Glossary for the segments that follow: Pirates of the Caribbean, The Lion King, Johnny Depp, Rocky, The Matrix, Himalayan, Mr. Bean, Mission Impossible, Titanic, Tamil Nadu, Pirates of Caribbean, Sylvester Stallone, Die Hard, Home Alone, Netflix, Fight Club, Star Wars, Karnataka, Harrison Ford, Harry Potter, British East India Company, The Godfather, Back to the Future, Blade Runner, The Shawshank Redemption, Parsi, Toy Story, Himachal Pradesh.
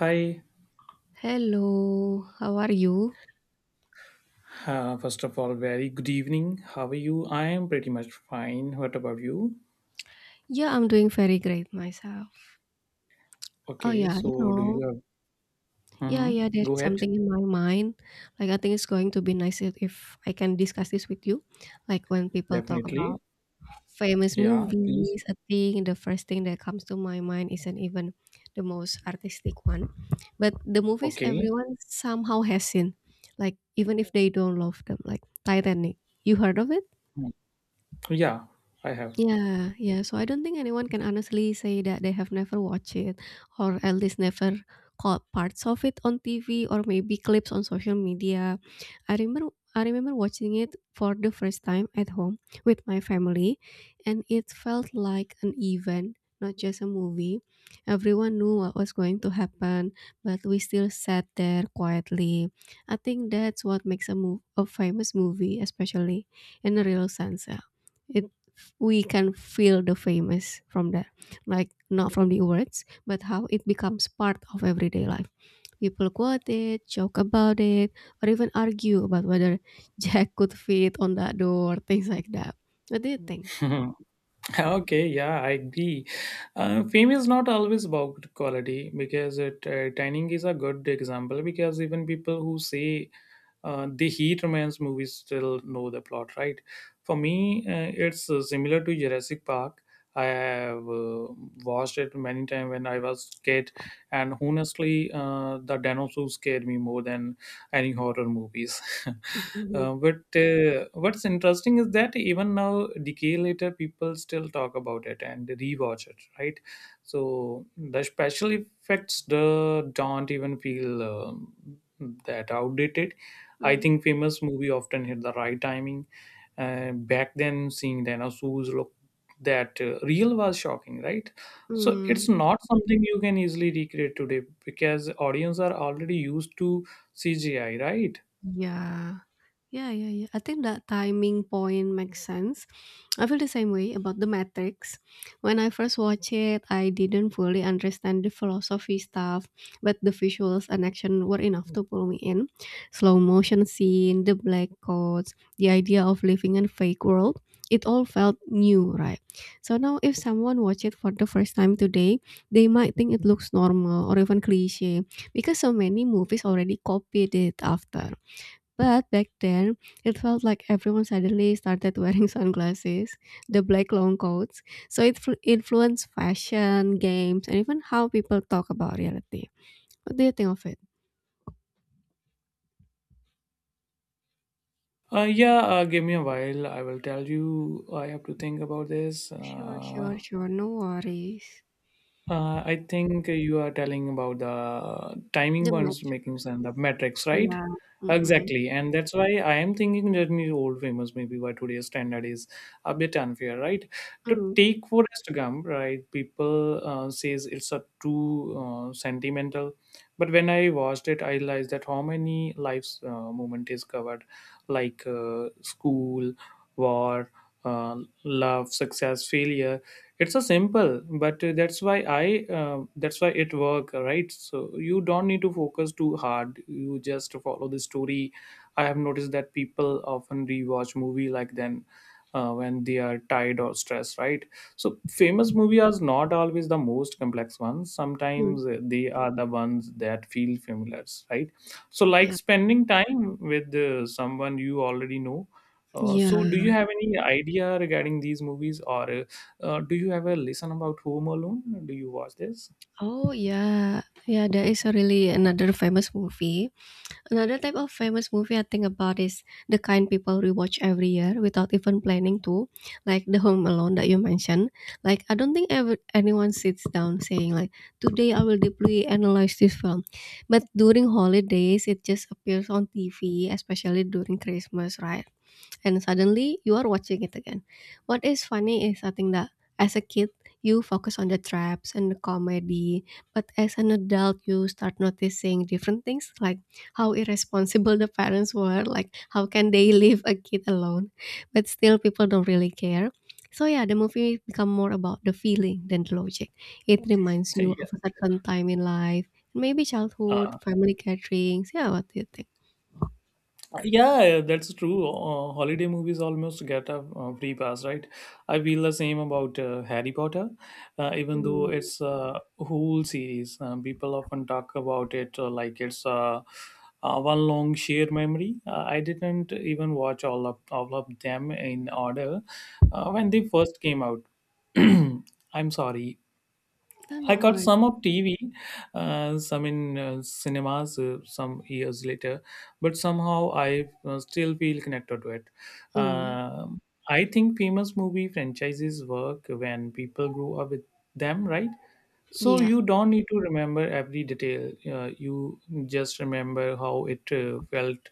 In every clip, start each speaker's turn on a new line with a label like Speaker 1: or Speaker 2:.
Speaker 1: Hi,
Speaker 2: Hello, how are you?
Speaker 1: first of all, very good evening. How are you? I am pretty much fine. What about you?
Speaker 2: Yeah, I'm doing very great myself. Oh
Speaker 1: Okay,
Speaker 2: yeah, you
Speaker 1: so do you
Speaker 2: know,
Speaker 1: have?
Speaker 2: yeah,
Speaker 1: Hmm.
Speaker 2: yeah, there
Speaker 1: Go
Speaker 2: is
Speaker 1: ahead.
Speaker 2: something in my mind. Like I think it's going to be nice if I can discuss this with you. Like when people talk about
Speaker 1: Definitely.
Speaker 2: famous
Speaker 1: Yeah, please.
Speaker 2: movies, I think the first thing that comes to my mind isn't even the most artistic one. But the movies
Speaker 1: Okay.
Speaker 2: everyone somehow has seen. Like even if they don't love them, like Titanic. You heard of it?
Speaker 1: Mm. Yeah, I have.
Speaker 2: Yeah, yeah. So I don't think anyone can honestly say that they have never watched it or at least never caught parts of it on TV or maybe clips on social media. I remember I remember watching it for the first time at home with my family, and it felt like an event, not just a movie. Everyone knew what was going to happen, but we still sat there quietly. I think that's what makes a move a famous movie, especially in a real sense. Yeah. It We can feel the famous from that, like not from the words but how it becomes part of everyday life. People quote it, joke about it, or even argue about whether jack could fit on that door, things like that. What do you think?
Speaker 1: Okay, yeah, I agree. Fame is not always about quality because Shining is a good example because even people who say they hate romance movies still know the plot, right? For me, it's similar to Jurassic Park. I have watched it many times when I was kid, and honestly, the dinosaurs scared me more than any horror movies.
Speaker 2: Mhm.
Speaker 1: But what's interesting is that even now, decade later, people still talk about it and rewatch it, right? So the special effects don't even feel that outdated. I
Speaker 2: Mhm.
Speaker 1: think famous movie often hit the right timing, and back then seeing dinosaurs look that real was shocking, right? So it's
Speaker 2: Mm,
Speaker 1: not something you can easily recreate today because audience are already used to cgi, right.
Speaker 2: yeah. Yeah, yeah, yeah. I think that timing point makes sense. I feel the same way about The Matrix. When I first watched it, I didn't fully understand the philosophy stuff, but the visuals and action were enough to pull me in. Slow motion scene, the black coats, the idea of living in a fake world. It all felt new, right? So now, if someone watch it for the first time today, they might think it looks normal or even cliche because so many movies already copied it after. But back then, it felt like everyone suddenly started wearing sunglasses, the black long coats. So it influenced fashion, games, and even how people talk about reality. What do you think of it?
Speaker 1: Yeah Give me a while, I will tell you. I have to think about this.
Speaker 2: Sure, sure, sure. No worries.
Speaker 1: I think you are telling about the timing
Speaker 2: The
Speaker 1: ones
Speaker 2: metro.
Speaker 1: making sense, the metrics, right?
Speaker 2: Yeah. Mm-hmm.
Speaker 1: Exactly, and that's why I am thinking that Journey old famous maybe why today's standard is a bit unfair, right? To
Speaker 2: Mm-hmm.
Speaker 1: take for Instagram, right? People says it's a too sentimental, but when I watched it, I realized that how many lives moment is covered, like school, war, uh, love, success, failure. It's a simple but that's why it work, right? So you don't need to focus too hard, you just follow the story. I have noticed that people often rewatch movie like then when they are tired or stressed, right? So famous movies are not always the most complex ones, sometimes they are the ones that feel familiar, right? So like
Speaker 2: Yeah.
Speaker 1: spending time with someone you already know. So do
Speaker 2: Yeah.
Speaker 1: you have any idea regarding these movies or do you ever listen about Home Alone? Do you watch this?
Speaker 2: Oh, yeah. Yeah, there is a really another famous movie. Another type of famous movie I think about is the kind people rewatch every year without even planning to, like The Home Alone that you mentioned. Like I don't think ever anyone sits down saying like today I will deeply analyze this film, but during holidays it just appears on TV, especially during Christmas, right? And suddenly you are watching it again. What is funny is I think that, as a kid, you focus on the traps and the comedy, but as an adult, you start noticing different things like how irresponsible the parents were, like how can they leave a kid alone? But still, people don't really care. So yeah, the movie become more about the feeling than the logic. It reminds you
Speaker 1: Yeah.
Speaker 2: of a certain time in life, maybe childhood,
Speaker 1: uh,
Speaker 2: family gatherings. Yeah, what do you think?
Speaker 1: yeah, yeah, that's true. Holiday movies almost get a free pass, right? I feel the same about Harry Potter, even though
Speaker 2: Mm,
Speaker 1: it's a whole series. People often talk about it like it's one long shared memory. I didn't even watch all of them in order when they first came out. I'm sorry.
Speaker 2: I don't
Speaker 1: I
Speaker 2: know
Speaker 1: caught
Speaker 2: what.
Speaker 1: some of TV, some in cinemas some years later, but somehow I still feel connected to it.
Speaker 2: Mm,
Speaker 1: Um I think famous movie franchises work when people grew up with them, right? So
Speaker 2: yeah.
Speaker 1: you don't need to remember every detail. You just remember how it felt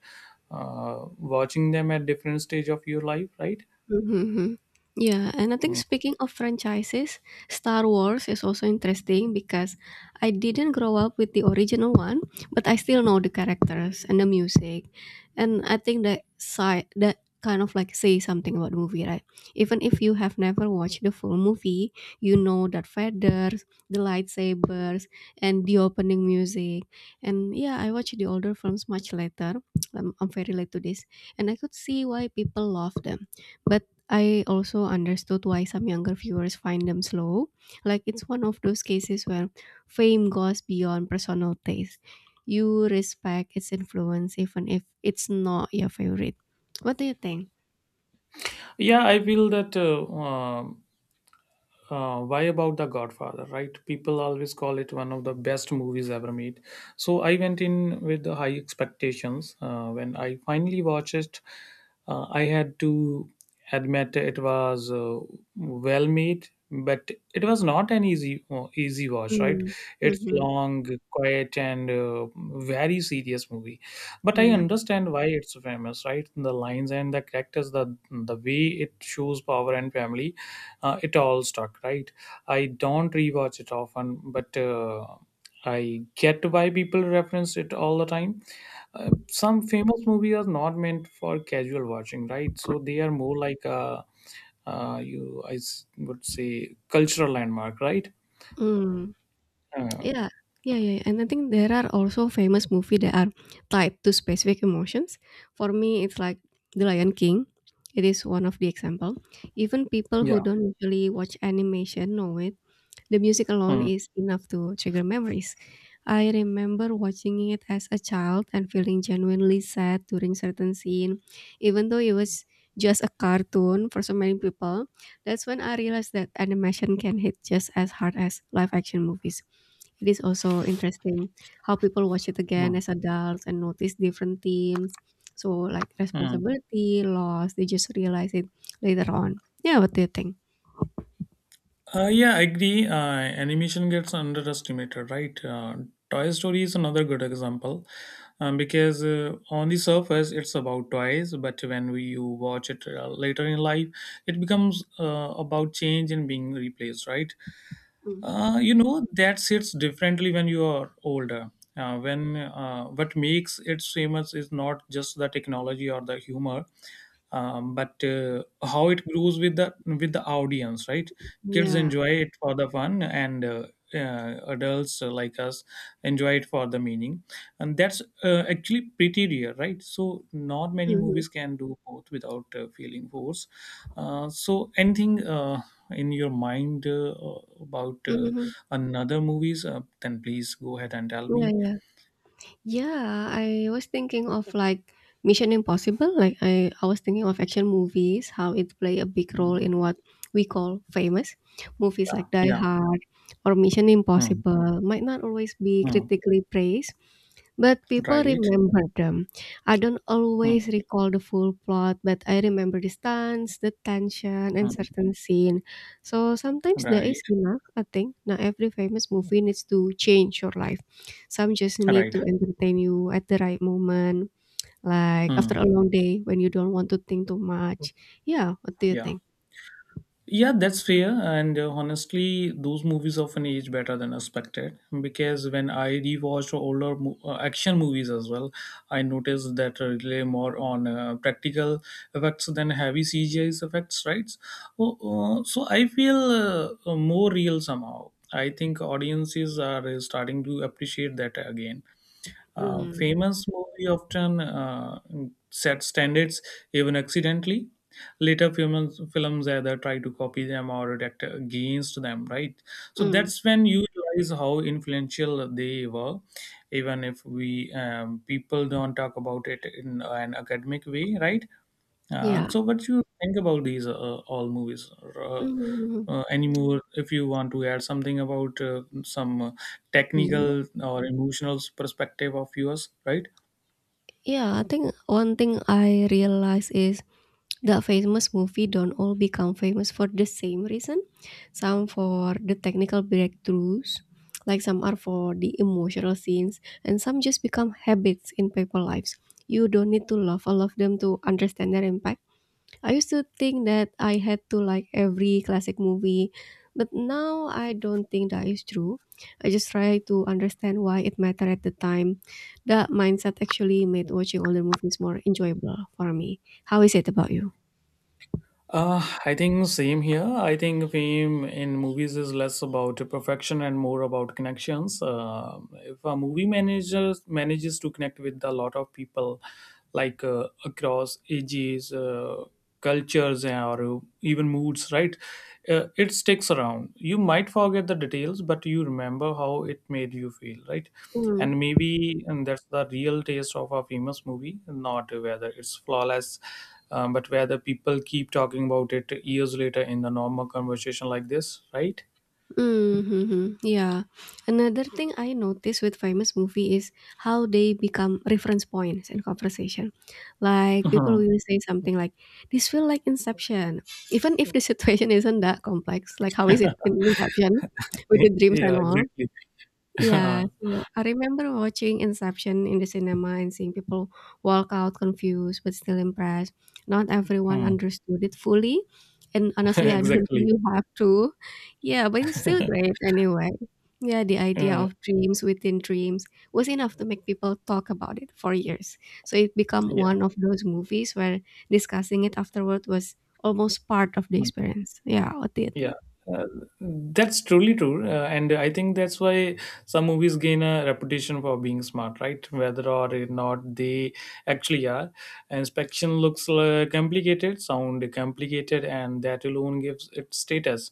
Speaker 1: uh, watching them at different stage of your life, right?
Speaker 2: Mhm. Yeah, and I think
Speaker 1: Mm.
Speaker 2: speaking of franchises, Star Wars is also interesting because I didn't grow up with the original one, but I still know the characters and the music. And I think that side that kind of like say something about the movie, right? Even if you have never watched the full movie, you know that feathers, the lightsabers, and the opening music. And yeah, I watched the older films much later. I'm very late to this, and I could see why people love them, but I also understood why some younger viewers find them slow. Like it's one of those cases where fame goes beyond personal taste. You respect its influence even if it's not your favorite. What do you think?
Speaker 1: Yeah, I feel that. Um why about the godfather, right? People always call it one of the best movies ever made, so I went in with the high expectations. When I finally watched it, I had to admit it was well made, but it was not an easy watch, right?
Speaker 2: Mm,
Speaker 1: It's
Speaker 2: hmm,
Speaker 1: long, quiet, and very serious movie, but I
Speaker 2: yeah.
Speaker 1: understand why it's famous, right? The lines and the characters, the way it shows power and family, it all stuck, right? I don't rewatch it often, but I get why people reference it all the time. Some famous movies are not meant for casual watching, right? So they are more like a would say cultural landmark, right?
Speaker 2: Mm,
Speaker 1: uh,
Speaker 2: yeah. Yeah, yeah, and I think there are also famous movie that are tied to specific emotions. For me, it's like The Lion King. It is one of the example. Even people
Speaker 1: yeah.
Speaker 2: who don't usually watch animation know it. The music alone
Speaker 1: Mm,
Speaker 2: is enough to trigger memories. I remember watching it as a child and feeling genuinely sad during certain scene, even though it was just a cartoon for so many people. That's when I realized that animation can hit just as hard as live action movies. It is also interesting how people watch it again
Speaker 1: mm,
Speaker 2: as adults and notice different themes. So like
Speaker 1: mm.
Speaker 2: responsibility, loss, they just realize it later on. Yeah, what do you think?
Speaker 1: Yeah, I agree. Animation gets underestimated, right? Toy Story is another good example, because on the surface it's about toys, but when you watch it later in life, it becomes about change and being replaced, right?
Speaker 2: Mhm.
Speaker 1: You know that sits differently when you are older. When What makes it famous is not just the technology or the humor, but how it grows with the audience. Right, kids
Speaker 2: Yeah.
Speaker 1: enjoy it for the fun, and adults like us enjoy it for the meaning, and that's actually pretty rare, right? So not many
Speaker 2: Mhm.
Speaker 1: movies can do both without feeling force. So anything, in your mind about
Speaker 2: Mhm.
Speaker 1: another movies, then please go ahead and tell
Speaker 2: Yeah,
Speaker 1: me.
Speaker 2: yeah. Yeah, I was thinking of like Mission Impossible. Like I was thinking of action movies, how it play a big role
Speaker 1: Mm.
Speaker 2: in what we call famous movies like Die
Speaker 1: Yeah.
Speaker 2: Hard or Mission
Speaker 1: Mm.
Speaker 2: Impossible might not always be
Speaker 1: Mm.
Speaker 2: critically praised, but people
Speaker 1: Right.
Speaker 2: remember them. I don't
Speaker 1: Mm.
Speaker 2: always recall the full plot, but I remember the stunts, the tension, and
Speaker 1: Mm.
Speaker 2: certain scene. So sometimes there
Speaker 1: Right.
Speaker 2: is enough, I think. Not every famous movie needs to change your life. Some just need
Speaker 1: Right.
Speaker 2: to entertain you at the right moment, like after
Speaker 1: Mm.
Speaker 2: a long day when you don't want to think too much. Yeah, what do you
Speaker 1: Yeah.
Speaker 2: think?
Speaker 1: Yeah, that's fair. And honestly, those movies often age better than expected because when I rewatched older action movies as well, I noticed that rely more on practical effects than heavy CGI effects, right? So, so I feel more real somehow. I think audiences are starting to appreciate that again.
Speaker 2: Mm,
Speaker 1: Famous movie often set standards even accidentally. Later films, either try to copy them or react against them, right? So
Speaker 2: mm,
Speaker 1: that's when you realize how influential they were, even if we people don't talk about it in an academic way, right?
Speaker 2: yeah.
Speaker 1: So, what do you think about these all movies? Or, uh,
Speaker 2: Mm,
Speaker 1: any more, if you want to add something about some
Speaker 2: yeah.
Speaker 1: technical or emotional perspective of yours, right?
Speaker 2: Yeah, I think one thing I realize is that famous movie don't all become famous for the same reason. Some for the technical breakthroughs, like some are for the emotional scenes, and some just become habits in people lives. You don't need to love all of them to understand their impact. I used to think that I had to like every classic movie, but now I don't think that is true. I just try to understand why it mattered at the time. That mindset actually made watching older movies more enjoyable for me. How is it about you?
Speaker 1: I think same here. I think fame in movies is less about perfection and more about connections. If a movie manager manages to connect with a lot of people, like across ages, cultures, or even moods, right? It sticks around. You might forget the details, but you remember how it made you feel, right?
Speaker 2: Hmm.
Speaker 1: And maybe and that's the real taste of a famous movie, not whether it's flawless, but where the people keep talking about it years later in the normal conversation like this, right?
Speaker 2: Mm-hmm. Yeah. Another thing I notice with famous movie is how they become reference points in conversation. Like people
Speaker 1: Mhm.
Speaker 2: will say something like, "This feel like Inception," even if the situation isn't that complex. Like how is it in Inception with the dreams
Speaker 1: Yeah,
Speaker 2: and all?
Speaker 1: exactly.
Speaker 2: Yeah, so I remember watching Inception in the cinema and seeing people walk out confused but still impressed. Not everyone
Speaker 1: Hmm.
Speaker 2: understood it fully, and honestly, I don't think
Speaker 1: Exactly.
Speaker 2: you have to. Yeah, but it's still great anyway. Yeah, the idea
Speaker 1: Uh,
Speaker 2: of dreams within dreams was enough to make people talk about it for years. So it became
Speaker 1: yeah.
Speaker 2: one of those movies where discussing it afterward was almost part of the
Speaker 1: Hmm.
Speaker 2: experience. Yeah, what do you
Speaker 1: Yeah,
Speaker 2: think?
Speaker 1: uh, that's truly true, and I think that's why some movies gain a reputation for being smart, right? Whether or not they actually are. Inspection looks complicated, sound complicated, and that alone gives it status.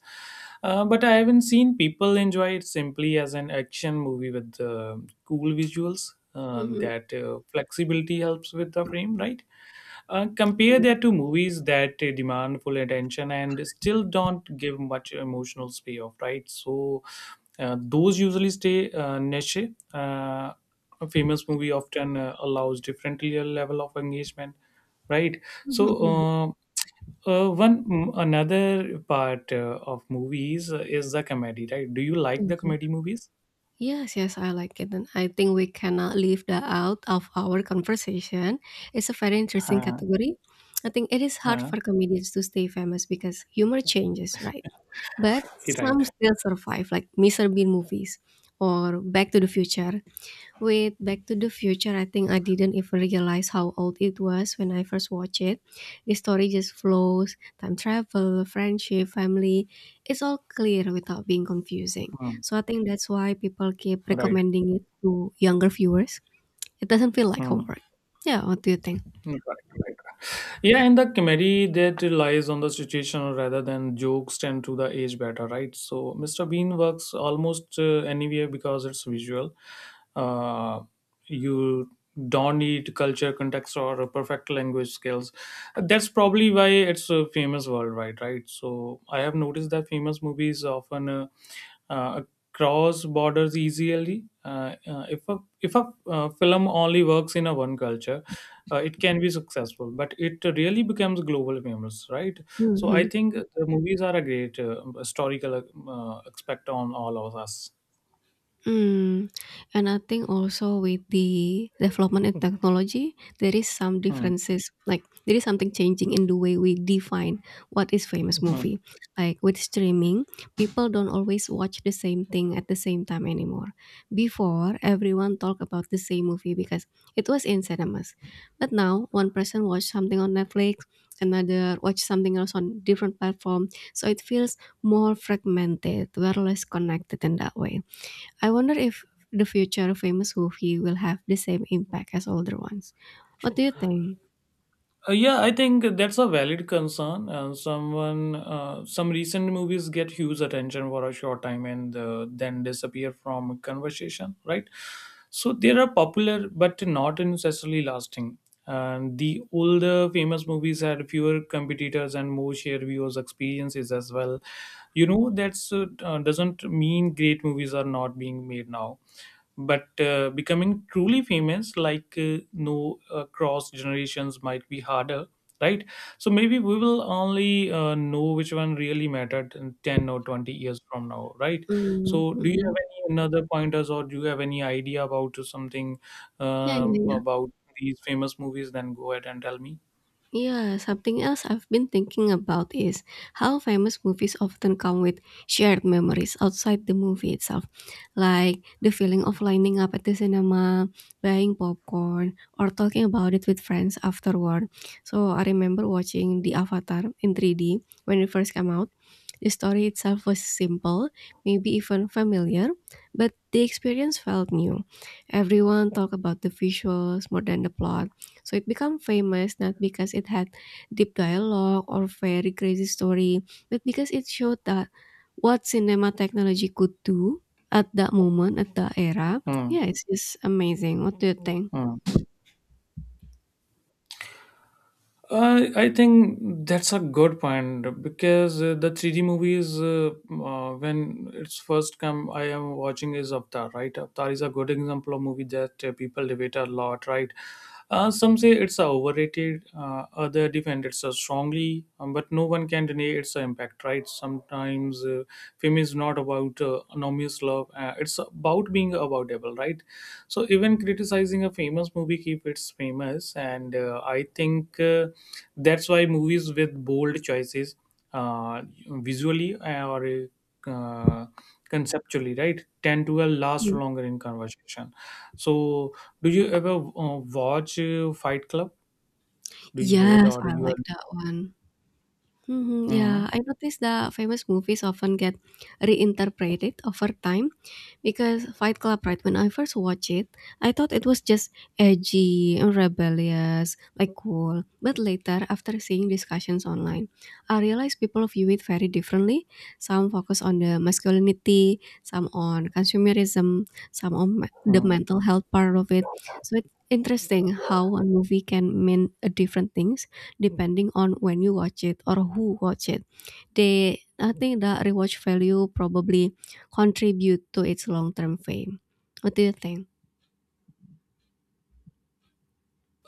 Speaker 1: But I haven't seen people enjoy it simply as an action movie with cool visuals. That flexibility helps with the frame, right? Compare that to movies that demand full attention and still don't give much emotional payoff, right? So those usually stay niche. Uh, a famous movie often allows different level of engagement, right? So
Speaker 2: Hmm.
Speaker 1: another part of movies is the comedy, right? Do you like the comedy movies?
Speaker 2: Yes, yes, I like it. And I think we cannot leave that out of our conversation. It's a very interesting
Speaker 1: Uh,
Speaker 2: category. I think it is hard
Speaker 1: uh,
Speaker 2: for comedians to stay famous because humor changes, right? But
Speaker 1: right.
Speaker 2: some still survive, like Mr. Bean movies or Back to the Future. With Back to the Future, I think I didn't even realize how old it was when I first watched it. The story just flows, time travel, friendship, family. It's all clear without being confusing.
Speaker 1: Hmm.
Speaker 2: So I think that's why people keep
Speaker 1: Right.
Speaker 2: recommending it to younger viewers. It doesn't feel like
Speaker 1: Hmm.
Speaker 2: homework. Yeah, what do you think?
Speaker 1: Mm, correct, correct. Yeah, and the comedy that relies on the situation rather than jokes tend to the age better, right? So Mr. Bean works almost anywhere because it's visual. Uh, you don't need culture, context, or a perfect language skills. That's probably why it's famous worldwide, right? So I have noticed that famous movies often uh, cross borders easily. If a film only works in a one culture, it can be successful, but it really becomes global famous, right? So I
Speaker 2: Mhm.
Speaker 1: think the movies are a great historical aspect on all of us.
Speaker 2: Mm, and I think also with the development in technology, there is some
Speaker 1: Hmm.
Speaker 2: differences. Like there is something changing in the way we define what is famous
Speaker 1: Hmm.
Speaker 2: movie. Like with streaming, people don't always watch the same thing at the same time anymore. Before, everyone talked about the same movie because it was in cinemas. But now, one person watched something on Netflix, another watched something else on different platform. So it feels more fragmented, we're less connected in that way. I wonder if the future famous movie will have the same impact as older ones. What do you think?
Speaker 1: Yeah, I think that's a valid concern. Some recent movies get huge attention for a short time and then disappear from conversation, right? So they are popular but not necessarily lasting. And the older famous movies had fewer competitors and more shared viewers' experiences as well. You know, that's doesn't mean great movies are not being made now, but becoming truly famous like no across generations might be harder, right? So maybe we will only know which one really mattered in 10 or 20 years from now, right?
Speaker 2: Mm,
Speaker 1: So do you have
Speaker 2: mhm.
Speaker 1: any another pointers or do you have any idea about something
Speaker 2: Yeah, yeah, yeah.
Speaker 1: about these famous movies, then go ahead and tell me.
Speaker 2: Yeah, something else I've been thinking about is how famous movies often come with shared memories outside the movie itself, like the feeling of lining up at the cinema, buying popcorn, or talking about it with friends afterward. So I remember watching The Avatar in 3D when it first came out. The story itself was simple, maybe even familiar, but the experience felt new. Everyone talked about the visuals more than the plot, so it became famous not because it had deep dialogue or very crazy story, but because it showed that what cinema technology could do at that moment, at that era.
Speaker 1: Hmm.
Speaker 2: Yeah, it's just amazing. What do you think?
Speaker 1: Hmm. I think that's a good point because the 3D movies, when it's first come I am watching is Avatar, right? Avatar is a good example of movie that people debate a lot, right? Some say it's a overrated, other defend it so strongly, but no one can deny its impact, right? Sometimes fame is not about anonymous love, it's about being aboutable, right? So even criticizing a famous movie keep it's famous, and I think that's why movies with bold choices, uh, visually or uh, conceptually, right, tend to last
Speaker 2: Mm.
Speaker 1: longer in conversation. So, do you ever watch Fight Club? Do you hate
Speaker 2: Yes,
Speaker 1: or do
Speaker 2: I
Speaker 1: you?
Speaker 2: like that one. Mhm, yeah,
Speaker 1: Mm,
Speaker 2: I noticed the famous movies often get reinterpreted over time, because Fight Club, right, when I first watched it, I thought it was just edgy and rebellious, like cool. But later, after seeing discussions online, I realized people view it very differently. Some focus on the masculinity, some on consumerism, some on the
Speaker 1: mm.
Speaker 2: mental health part of it. So it's interesting how one movie can mean a different things depending on when you watch it or who watch it. I think the rewatch value probably contribute to its long-term fame. What do you think?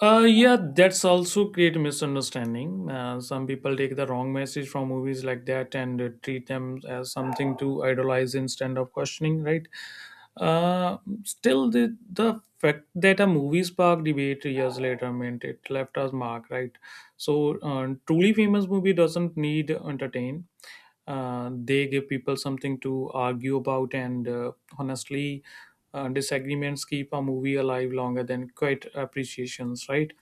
Speaker 1: Yeah, that's also create misunderstanding. Some people take the wrong message from movies like that and treat them as something to idolize instead of questioning, right? Uh, Still, the fact that a movie sparked debate years later meant it left us mark, right? So, truly famous movie doesn't need entertain. They give people something to argue about, and honestly, disagreements keep a movie alive longer than quiet appreciations, right?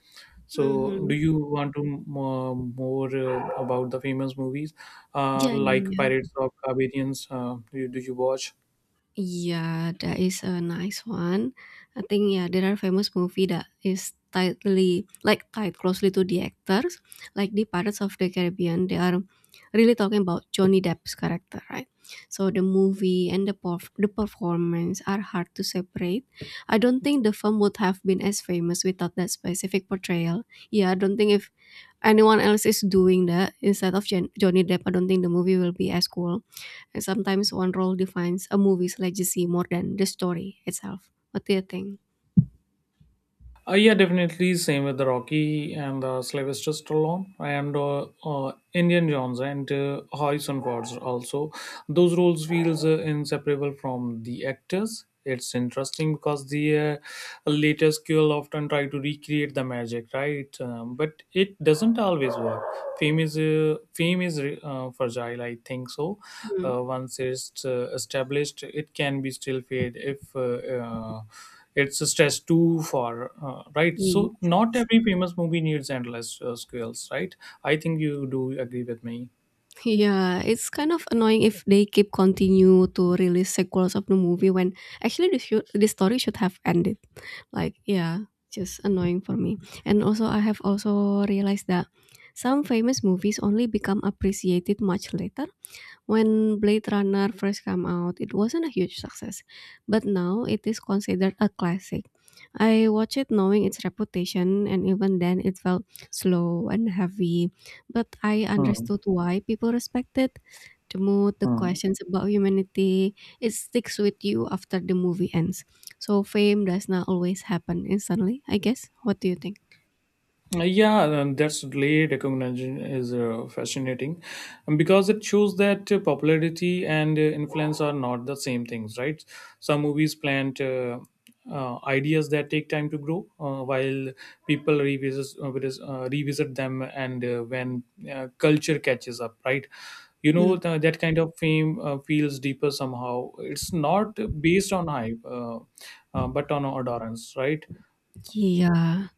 Speaker 1: So, do
Speaker 2: Mhm.
Speaker 1: you want to more about the famous movies,
Speaker 2: Yeah, yeah,
Speaker 1: like
Speaker 2: yeah.
Speaker 1: Pirates of Caribbean? Do you watch?
Speaker 2: Yeah, that is a nice one. I think yeah, there are famous movie that is tightly like tied closely to the actors. Like the Pirates of the Caribbean, they are really talking about Johnny Depp's character, right? So the movie and the the performance are hard to separate. I don't think the film would have been as famous without that specific portrayal. Yeah, I don't think if anyone else is doing that instead of Johnny Depp, I don't think the movie will be as cool. And sometimes one role defines a movie's legacy more than the story itself. What do you think?
Speaker 1: Yeah, definitely. Same with the Rocky and the Sylvester Stallone and Indian Jones and Harrison Ford. Also, those roles feels inseparable from the actors. It's interesting because the later skill often try to recreate the magic, right? But it doesn't always work. Fame is fragile, I think so. Once it's established, it can be still fade if. It's a stress too far right.
Speaker 2: Yeah.
Speaker 1: So not every famous movie needs endless scales, right? I think you do agree with me.
Speaker 2: Yeah, it's kind of annoying if they keep continue to release sequels of the movie when actually the story should have ended. Like yeah, just annoying for me. And also I have also realized that some famous movies only become appreciated much later. When Blade Runner first came out, it wasn't a huge success, but now it is considered a classic. I watched it knowing its reputation, and even then, it felt slow and heavy, but I
Speaker 1: Hmm,
Speaker 2: understood why people respect it. The mood, the
Speaker 1: hmm.
Speaker 2: questions about humanity, it sticks with you after the movie ends. So, fame does not always happen instantly, I guess. What do you think?
Speaker 1: Yeah, that's late recognition is fascinating, because it shows that popularity and influence are not the same things, right? Some movies plant ideas that take time to grow, while people revisit them, and when culture catches up, right? You know
Speaker 2: Mm.
Speaker 1: that kind of fame feels deeper somehow. It's not based on hype, but on adherence, right?
Speaker 2: Yeah,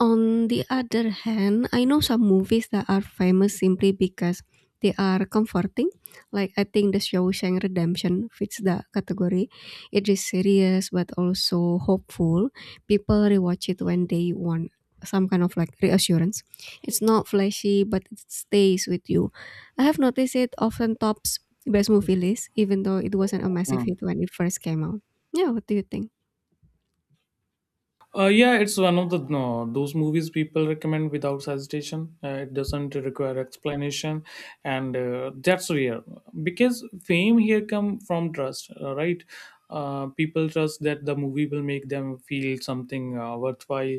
Speaker 2: on the other hand, I know some movies that are famous simply because they are comforting. Like I think The Shawshank Redemption fits that category. It is serious but also hopeful. People rewatch it when they want some kind of like reassurance. It's not flashy but it stays with you. I have noticed it often tops best movie list even though it wasn't a massive hit when it first came out. Yeah, what do you think?
Speaker 1: Yeah, it's one of the no, those movies people recommend without hesitation. It doesn't require explanation, and that's rare because fame here come from trust, right? People trust that the movie will make them feel something worthwhile,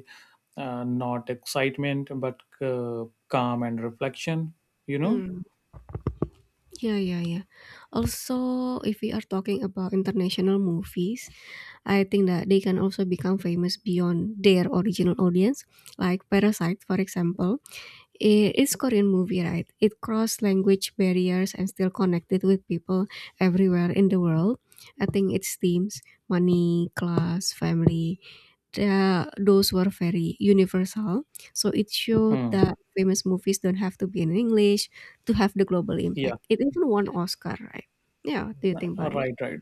Speaker 1: not excitement, but calm and reflection. You know?
Speaker 2: Hmm. Yeah, yeah, yeah. Also, if we are talking about international movies, I think that they can also become famous beyond their original audience. Like Parasite, for example, it's Korean movie, right? It crossed language barriers and still connected with people everywhere in the world. I think its themes, money, class, family, those were very universal. So it showed
Speaker 1: Mm.
Speaker 2: that famous movies don't have to be in English to have the global
Speaker 1: Yeah.
Speaker 2: impact. It even won Oscar, right? Yeah, what do you think about it?
Speaker 1: Right. Right.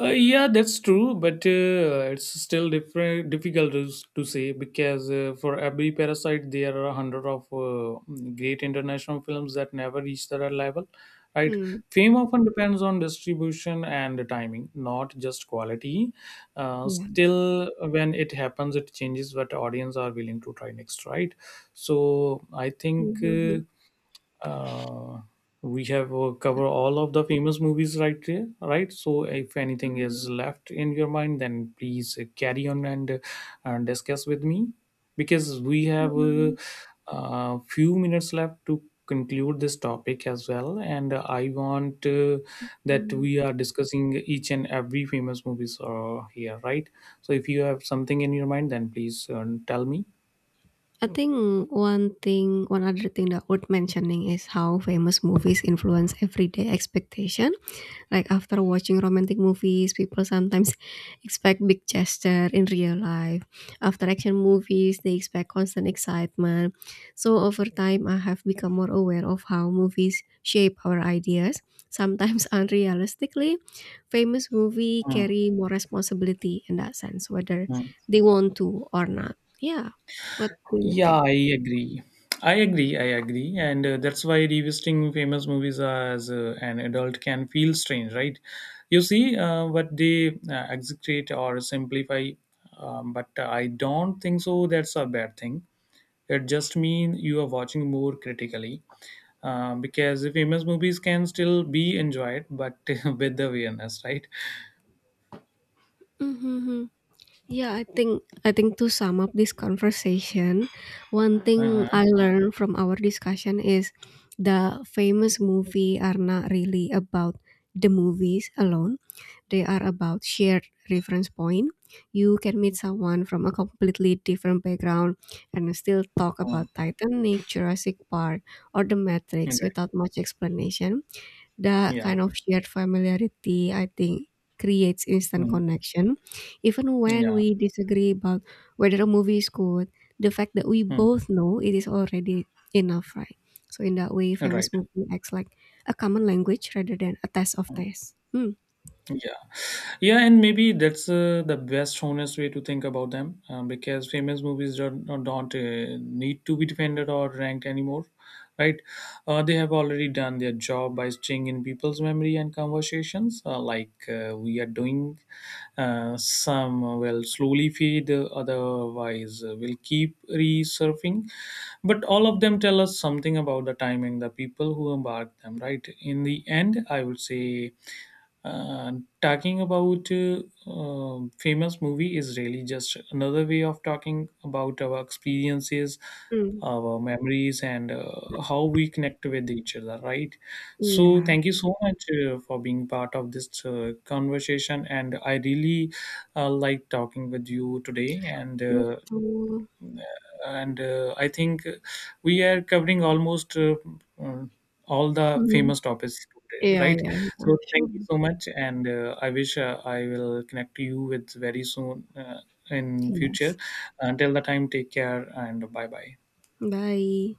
Speaker 1: Yeah, that's true, but it's still difficult to, to say because for every parasite, there are a hundred of great international films that never reach that level, right?
Speaker 2: Mm,
Speaker 1: Fame often depends on distribution and the timing, not just quality.
Speaker 2: yeah.
Speaker 1: Still, when it happens, it changes what audience are willing to try next, right? So I think.
Speaker 2: Mhm,
Speaker 1: Uh, we have covered all of the famous movies right there, right? So if anything
Speaker 2: mhm,
Speaker 1: is left in your mind then please carry on and discuss with me because we have a
Speaker 2: mhm,
Speaker 1: few minutes left to conclude this topic as well, and I want that
Speaker 2: mhm.
Speaker 1: we are discussing each and every famous movies here, right? So if you have something in your mind then please tell me.
Speaker 2: I think one thing, One other thing that worth mentioning is how famous movies influence everyday expectation. Like after watching romantic movies, people sometimes expect big gesture in real life. After action movies, they expect constant excitement. So over time, I have become more aware of how movies shape our ideas, sometimes unrealistically. Famous movie
Speaker 1: Hmm,
Speaker 2: carry more responsibility in that sense, whether
Speaker 1: hmm.
Speaker 2: they want to or not. Yeah. What do you
Speaker 1: Yeah,
Speaker 2: think?
Speaker 1: I agree. I agree. I agree. And that's why revisiting famous movies as an adult can feel strange, right? You see what they execrate or simplify, but I don't think so. That's a bad thing. It just means you are watching more critically. Because the famous movies can still be enjoyed, but with awareness, right?
Speaker 2: Mm-hmm. Yeah, I think to sum up this conversation, one thing
Speaker 1: Uh-huh.
Speaker 2: I learned from our discussion is the famous movie are not really about the movies alone. They are about shared reference point. You can meet someone from a completely different background and still talk
Speaker 1: Uh,
Speaker 2: about Titanic, Jurassic Park, or The Matrix
Speaker 1: right.
Speaker 2: without much explanation. That
Speaker 1: Yeah.
Speaker 2: kind of shared familiarity, I think, creates instant
Speaker 1: Mm.
Speaker 2: connection. Even when
Speaker 1: Yeah.
Speaker 2: we disagree about whether a movie is good, the fact that we
Speaker 1: Mm.
Speaker 2: both know it is already enough, right? So in that way,
Speaker 1: Right.
Speaker 2: famous movie acts like a common language rather than a test of tests. Hmm.
Speaker 1: Yeah, yeah, and maybe that's the best honest way to think about them, because famous movies don't need to be defended or ranked anymore, right? They have already done their job by staying in people's memory and conversations, like we are doing. Some will slowly fade, otherwise will keep resurfing, but all of them tell us something about the timing, the people who embarked them, right? In the end, I would say. Uh, Talking about famous movie is really just another way of talking about our experiences,
Speaker 2: Hmm.
Speaker 1: our memories, and how we connect with each other, right?
Speaker 2: Iya,
Speaker 1: So, thank you so much for being part of this conversation, and I really like talking with you today. And
Speaker 2: itu.
Speaker 1: I think we are covering almost uh, all the
Speaker 2: Mhm.
Speaker 1: famous topics today,
Speaker 2: Yeah.
Speaker 1: right?
Speaker 2: Iya, iya.
Speaker 1: So thank
Speaker 2: Sure.
Speaker 1: you so much and I wish I will connect to you with very soon in future.
Speaker 2: Yes.
Speaker 1: Until the time, take care and bye bye.
Speaker 2: Bye.